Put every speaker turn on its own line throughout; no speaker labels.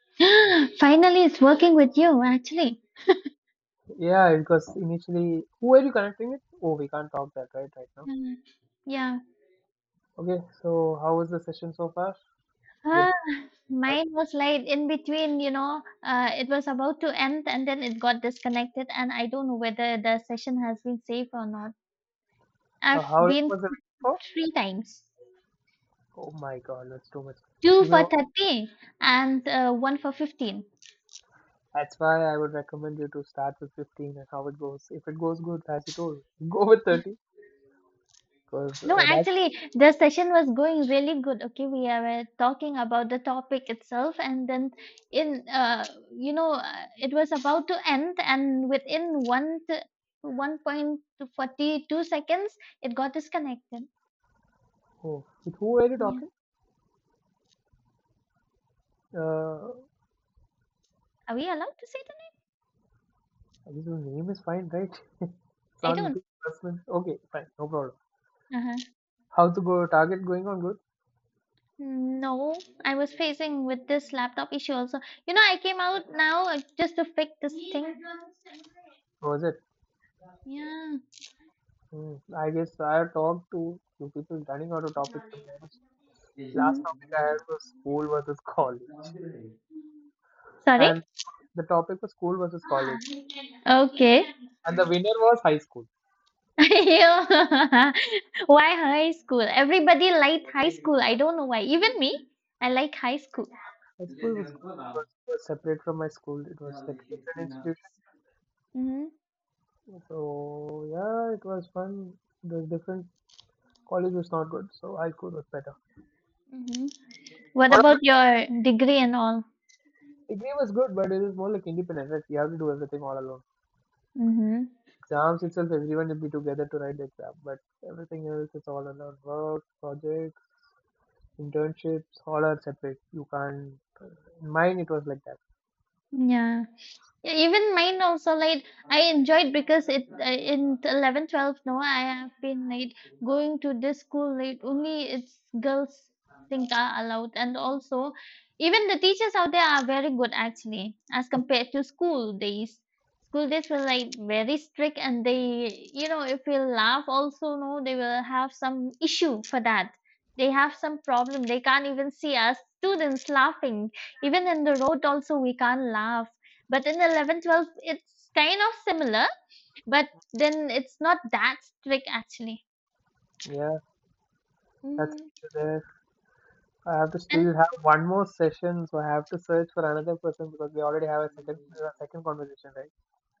Finally, it's working with you, actually.
Yeah, because initially, who are you connecting with? Oh, we can't talk that right now.
Yeah. Yeah.
Okay, so how was the session so far? Yeah.
Ah,
Uh,
mine was like in between, it was about to end and then it got disconnected, and I don't know whether the session has been saved or not.
how
I've
long
been
was the meeting for?
three times,
Oh my God, that's too much.
two
You
for
know,
30 and one for 15.
that's why I would recommend you to start with 15 and how it goes. If it goes good, as you told, go with 30. Because
No,
oh, that
actually, the session was going really good. Okay, we were talking about the topic itself, and then in uh, it was about to end, and within 1 to 1.42 seconds, it got disconnected.
oh, with who are you
Yeah,
talking? Uh,
are we allowed to say the name?
I guess your name is fine, right? It's
I
not
don't.
Nitish Rasman. Okay, fine, no problem.
Uh-huh.
How's the go target going on? Good.
No, I was facing with this laptop issue also. You know, I came out now just to fix this thing.
How was it?
Yeah.
Hmm. I guess I have talked to few people running out of topics, to be honest. Last
Mhm.
topic I had was school versus college,
Sorry.
and the topic was school versus college,
Okay.
and the winner was high school.
Ew. Why high school? Everybody liked high school. I don't know why. Even me, I like high school.
High school was separate from my school. It was like a different institution.
Hmm.
So yeah, it was fun. The different college was not good, so high school was better.
Hmm. What
What about
about your degree and all?
degree was good, but it is more like independent. Right? You have to do everything all alone.
Hmm.
Exams itself, everyone will be together to write the exam, but everything else is all alone. Work, projects, internships all are separate. You can't. In mine, it was like that.
Yeah. Yeah, even mine also, like, I enjoyed because it in 11, 12. No, I have been like going to this school late only, it's girls think are allowed, and also even the teachers out there are very good actually as compared to school days. School days were like very strict, and they, if we laugh also no they will have some issue for that. They have some problem, they can't even see us students laughing. Even in the road also we can't laugh. But in 11, 12, it's kind of similar but then it's not that strict actually.
Yeah, that's
Mhm.
the issue there. I have to
And
still have one more session, so I have to search for another person because we already have a second conversation, right?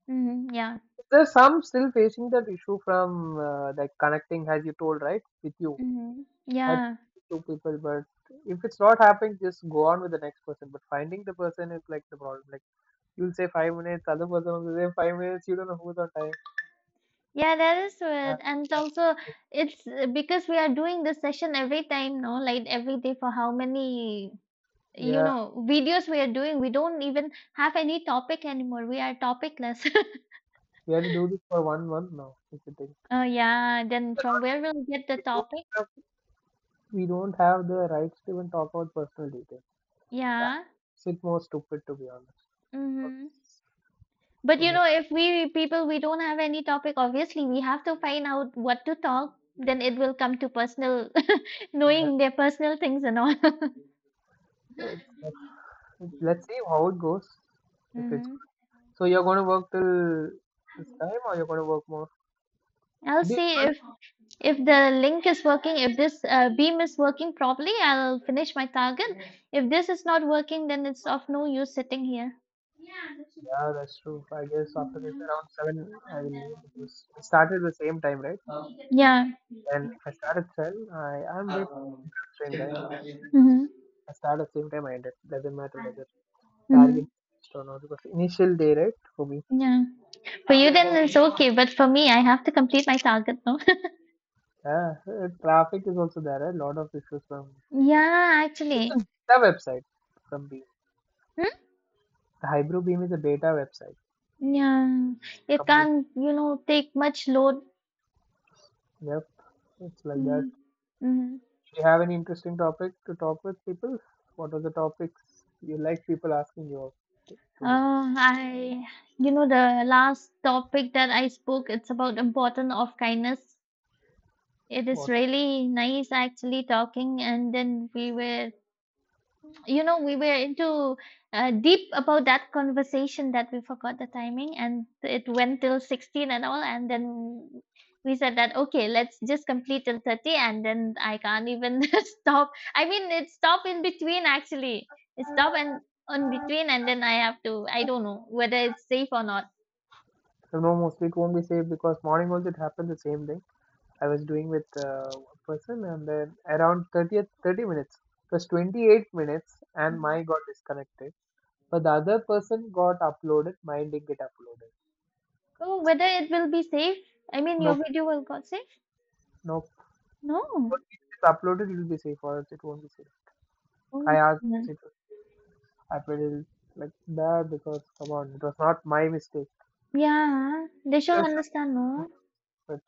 mhm, yeah,
Is there some still facing that issue from like connecting, as you told, right, with you?
mhm,
Had
yeah,
two people, but if it's not happening, just go on with the next person. But finding the person is like the problem. Like you'll say 5 minutes, other person will say 5 minutes. You don't know who's on time.
yeah, that is
Yeah,
it. And
that's
also,
it.
it's because we are doing this session every time, no, like every day for how many,
Yeah.
videos we are doing. We don't even have any topic anymore. We are topicless.
We had to do this for one month now, if you think.
Oh, yeah, then from where we'll get the
We don't
topic?
have we don't have the rights to even talk about personal details.
Yeah.
That's it more stupid, to be honest.
Mm-hmm.
'Cause,
But
don't
you
know.
know, if we people we don't have any topic, obviously we have to find out what to talk. Then it will come to personal,
Let-
knowing their personal things and all.
Let's let's see how it goes. If it's
Mm-hmm.
so, you're going to work till this time, or you're going to work more?
I'll
Do you
see
want-
if the link is working, if this beam is working properly, I'll finish my target. If this is not working, then it's of no use sitting here.
Yeah, that's true. I guess after this, around seven, I will leave because we started the same time, right?
Yeah.
And if I start at seven, I am a bit constrained, guys.
Mm-hmm.
I start at the same time I ended. Doesn't matter whether.
Mm-hmm.
Target don't know because initial day right for me.
Yeah. For you, then it's okay, but for me, I have to complete my target, no?
Yeah, traffic is also there, a lot of issues from
Yeah,
it's a
actually.
beta website from beam.
Hmm?
The hybrid beam is a beta website.
Yeah. It
Complete.
can't, take much load.
Yep, it's like that.
Mm. Mm.
Do you have any interesting topic to talk with people? What are the topics you like people asking you of today?
Uh, I, the last topic that I spoke, it's about the importance of kindness. It is
What?
really nice actually talking, and then we were into deep about that conversation that we forgot the timing, and it went till 16 and all, and then we said that okay, let's just complete till 30, and then I can't even stop. I mean, it stopped in between actually. It stopped and on between, and then I have to. I don't know whether it's safe or not.
So no, mostly it won't be safe because morning also it happened the same thing. I was doing with one person and then around 30 minutes, it was 28 minutes, and my
Mhm.
got disconnected. But the other person got uploaded, mine didn't get uploaded.
Oh, whether it will be safe. I mean, your
Nope,
video will got safe?
nope.
No.
Once it gets uploaded, it will be safe, or else it won't be safe.
Oh
I
my
asked
goodness.
it to upload it like that because, come on, it was not my mistake.
Yeah, they should
That's
understand,
not-
no?
But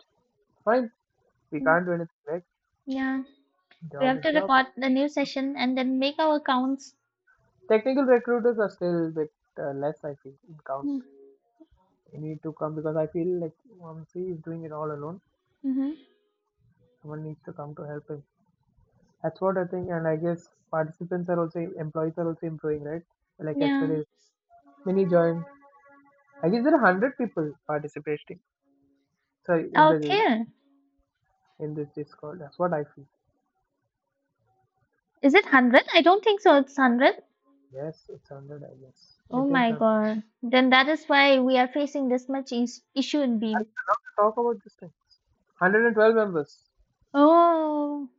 fine, we
Mm.
can't do anything, right?
Yeah, we
Job
have to
is job.
record the new session and then make our counts.
Technical recruiters are still a bit less, I feel, in count. They need to come because I feel like OMC is doing it all alone.
Mm-hmm.
Someone needs to come to help him. That's what I think, and I guess participants are also employees are also improving, right? Like
Yeah.
yesterday, many joined. I guess there are hundred people participating. Sorry,
Oh, dear.
in this Discord. That's what I feel.
Is it 100? I don't think so. It's 100.
Yes, it's hundred. I guess
Oh
it is.
my
100.
God. Then that is why we are facing this much issue in
I
Beam.
love to talk about these things. 112 members.
Oh,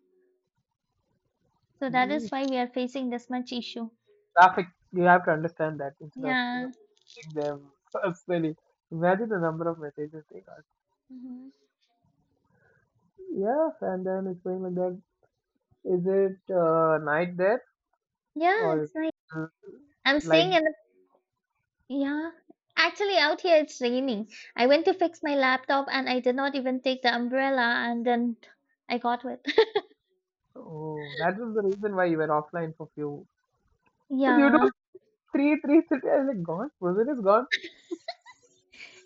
so that
Mm,
is why we are facing this much issue.
Traffic. You have to understand that instead of
Yeah.
taking them personally. Imagine the number of messages they got.
Hmm.
Yes, and then it's going like that. Is it night there
Yeah,
or
it's nice.
uh,
I'm
light?
staying in. Yeah. Actually, out here it's raining. I went to fix my laptop and I did not even take the umbrella and then I got wet.
Oh, that was the reason why you were offline for few. But you
Yeah.
don't. Three, three, three. I was like, gone? Brazil is gone?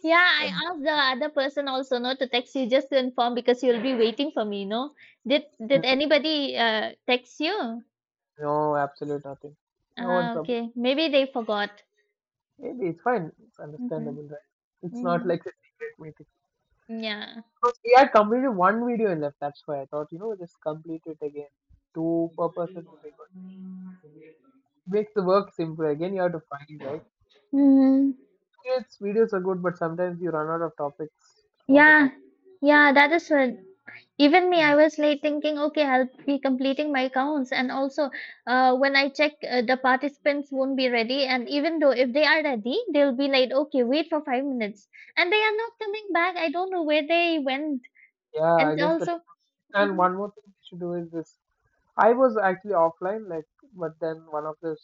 Yeah, I
And,
asked the other person also not to text you just to inform because you'll be waiting for me, no? Did
mm,
anybody text you?
no, absolute nothing. No one
Ah,
support.
okay. Maybe they forgot.
Maybe it's fine. It's
Mm-hmm.
understandable, right? It's not
Mm,
like a secret meeting.
yeah.
Because we had completed one video left. That's why I thought, just complete it again. Two per person would be good. Makes the work simpler. Again, you have to find, right?
Mm,
Videos are good, but sometimes you run out of topics. What a
yeah.
topic.
Yeah, that is what. Even me,
Mm.
I was late thinking, okay, I'll be completing my counts. And also, when I check, the participants won't be ready. And even though if they are ready, they'll be like, okay, wait for 5 minutes. And they are not coming back. I don't know where they went.
Yeah,
And
I guess that.
also,
And
hmm.
one more thing we should do is this. I was actually offline, like, but then one of the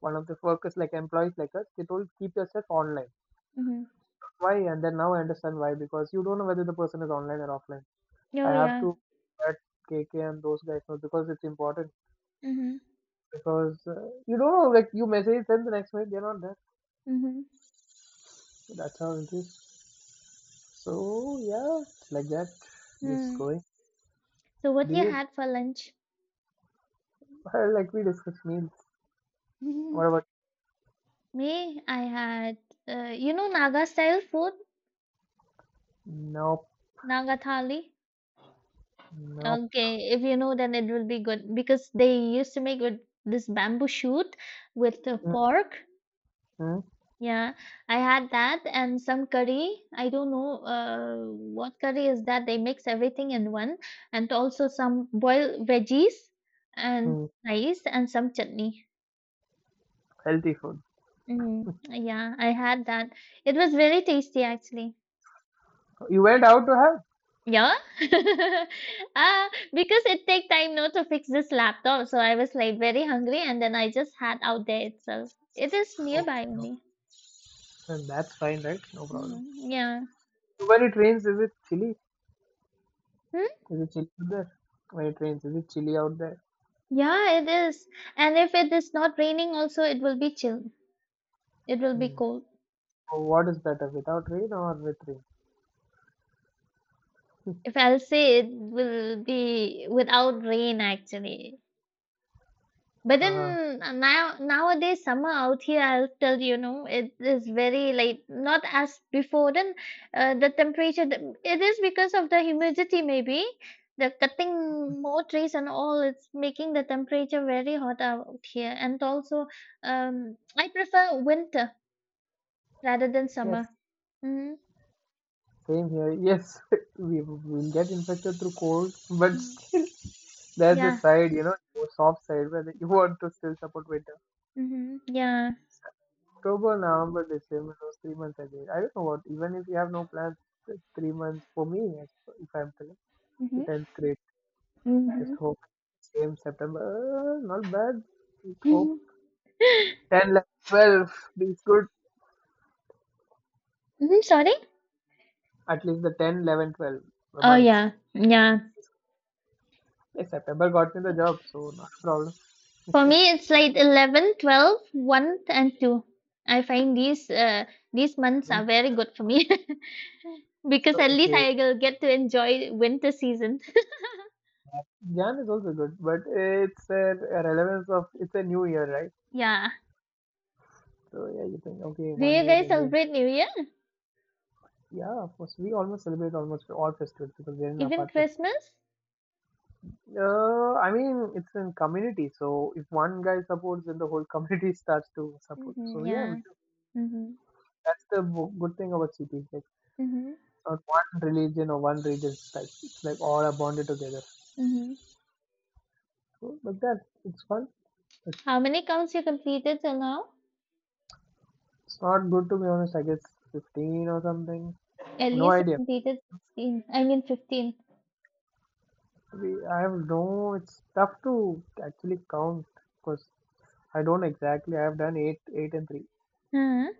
one of the workers, like employees like us, they told keep yourself online.
Hmm.
Why? And then now I understand why, because you don't know whether the person is online or offline. I
Oh,
have
yeah.
to let KK and those guys know because it's important,
Mm-hmm,
because you don't know, like you message them, the next minute they're not there.
mm-hmm,
So that's how it is, so yeah, it's like that. Just
mm.
going.
So,
Do
what you
you
had for lunch?
like we discussed meals? What about?
Me, I had, Naga style food,
Nope,
Naga thali.
nope.
Okay, if you know, then it will be good because they used to make with this bamboo shoot with the
Mm,
pork.
mm,
Yeah, I had that and some curry. I don't know what curry is that. They mix everything in one and also some boiled veggies and
mm.
rice and some chutney.
Healthy food.
Mm, yeah, I had that. It was very tasty actually.
You went out to have?
Yeah. Uh, because it take time now to fix this laptop, so I was like very hungry and then I just had out there itself. It is
Oh,
nearby
no.
only.
And that's fine, right? No problem.
Mm, yeah.
When it rains, is it chilly?
Hmm?
Is it chilly out there? When it rains, is it chilly out there?
Yeah, it is. And if it is not raining also it will be chill. It will be
Hmm.
cold.
So what is better, without rain or with rain?
If I'll say it will be without rain actually. But
Uh,
then now nowadays summer out here, I'll tell you, know it is very like not as before. Then the temperature, it is because of the humidity maybe. The cutting more trees and all, it's making the temperature very hot out here. And also, I prefer winter rather than
yes,
summer. Mm-hmm.
same here. Yes, we will get infected through cold, but
Mm.
still, there's a
Yeah.
side, soft side where you want to still support winter.
Mm-hmm. Yeah.
October, November, December, those 3 months I did. I don't know what, even if you have no plans, the 3 months for me, yes, if I'm telling,
Mm-hmm.
it ends great. Just
Mm-hmm.
hope. Same September, not bad. Just hope,
Mm-hmm.
10, 11, 12 is good.
Mm-hmm. Sorry.
At least the 10, 11, 12 a
Oh
month.
yeah. Yeah.
Hey, September got me the job, so not a problem.
For me, it's like 11, 12, one, and 2. I find these months are very good for me
So,
because at least
okay.
I will get to enjoy winter season.
Jan is also good, but it's a relevance of it's a new year, right?
Yeah.
So yeah, you think okay,
Do
one
you
year
guys
again.
celebrate New Year?
Yeah, of course. We almost celebrate almost all festivals because we're in an
Even
apartment.
Christmas?
I mean, it's in community. So if one guy supports, then the whole community starts to support.
Hmm,
So yeah, we
yeah.
do.
Hmm.
That's the good thing about cities.
Hmm.
Not one religion or one region. It's like all are bonded together.
Hmm.
So, but that it's fun. But
How many counts you completed till now?
it's not good, to be honest. I guess 15 or something.
At
No
least you
idea.
completed 16. I mean 15.
I have no. It's tough to actually count because I don't exactly. I have done eight, eight and three,
Hmm.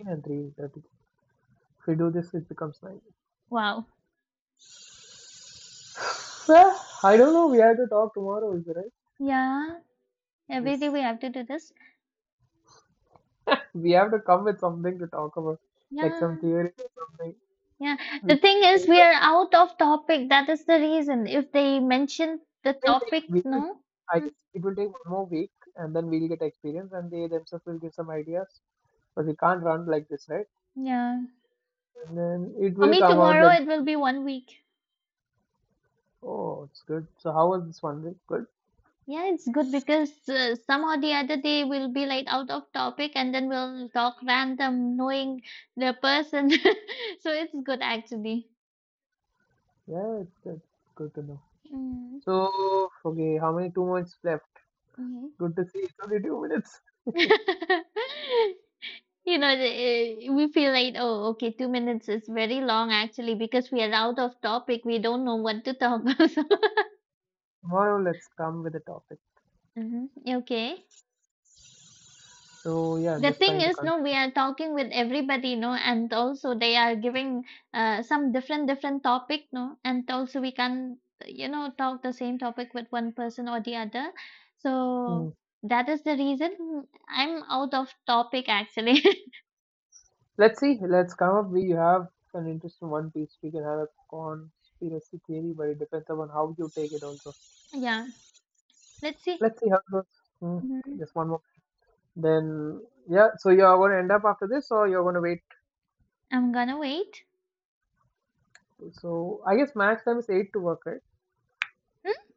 eight and three. If we do this, it becomes nine.
Wow.
Well, I don't know. We have to talk tomorrow, is it right?
Yeah. Every day
This
we have to do this.
We have to come with something to talk about, like some
Yeah.
theory or something.
Yeah, the thing
We
is, we are out of topic. That is the reason. If they mention the
will take,
topic,
we will,
no.
I
Mm.
guess it will take one more week and then we'll get experience and they themselves will give some ideas. But we can't run like this, right?
Yeah.
And then it
For
will
me,
come out
tomorrow
like,
it will be one week.
oh, it's good. So how was this one week? Good.
Yeah, it's good because somehow the other day we'll be like out of topic and then we'll talk random, knowing the person. So it's good actually.
Yeah, it's good. Good to know.
Mm-hmm.
So, okay, how many 2 minutes left? Good to see. It's only 2 minutes.
We feel like, oh, okay, 2 minutes is very long actually because we are out of topic. We don't know what to talk about.
Tomorrow, let's come with a topic.
Mhm. Okay.
So, yeah, I'm
The
just
thing
trying to
is,
con.
no, we are talking with everybody, no, and also they are giving some different different topic, no, and also we can, talk the same topic with one person or the other.
Hmm.
So that is the reason I'm out of topic actually.
Let's see. Let's come up. We have an interest in One Piece. We can have a conspiracy theory, but it depends upon how you take it also.
Yeah. Let's see.
Let's see how it goes. Mm,
Mhm.
just one more. Then yeah, so you are going to end up after this, or you're going to wait.
I'm gonna wait.
So I guess max time is eight to work, right?
Hmm?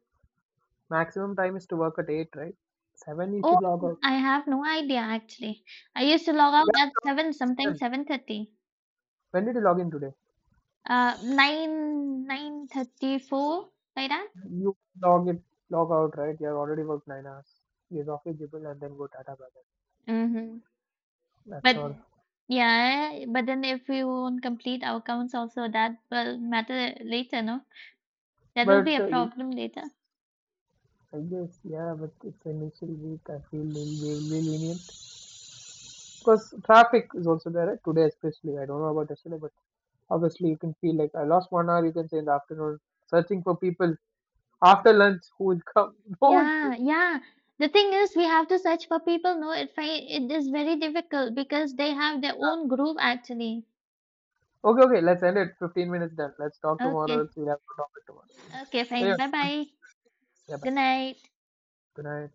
Maximum time is to work at eight, right? Seven, you
Oh,
should log out.
I have no idea actually. I used to log out
Yeah,
at seven, sometimes
seven.
7:30.
When did you log in today?
9 9:34 like that.
You log in, log out, right? You have already worked 9 hours. Use off eligible and then go Tata bye bye.
Mm-hmm.
That's
But
all.
yeah, but then if we won't complete our counts also, that will matter later, no? That will be
But
a
uh, you-
problem later.
I guess yeah, but it's initial week. I feel will be lenient because traffic is also there, right? Today, especially. I don't know about yesterday, but. Obviously, you can feel like I lost one hour. You can say in the afternoon searching for people after lunch who would come. No one came.
Yeah, yeah. The thing is, we have to search for people. No, it it is very difficult because they have their own group actually.
Okay, okay. Let's end it. 15 minutes done. Let's talk tomorrow. Else
Okay,
we'll have to talk it tomorrow.
okay,
Okay.
fine.
Anyway,
Bye bye.
yeah. Bye.
Good night.
Good night.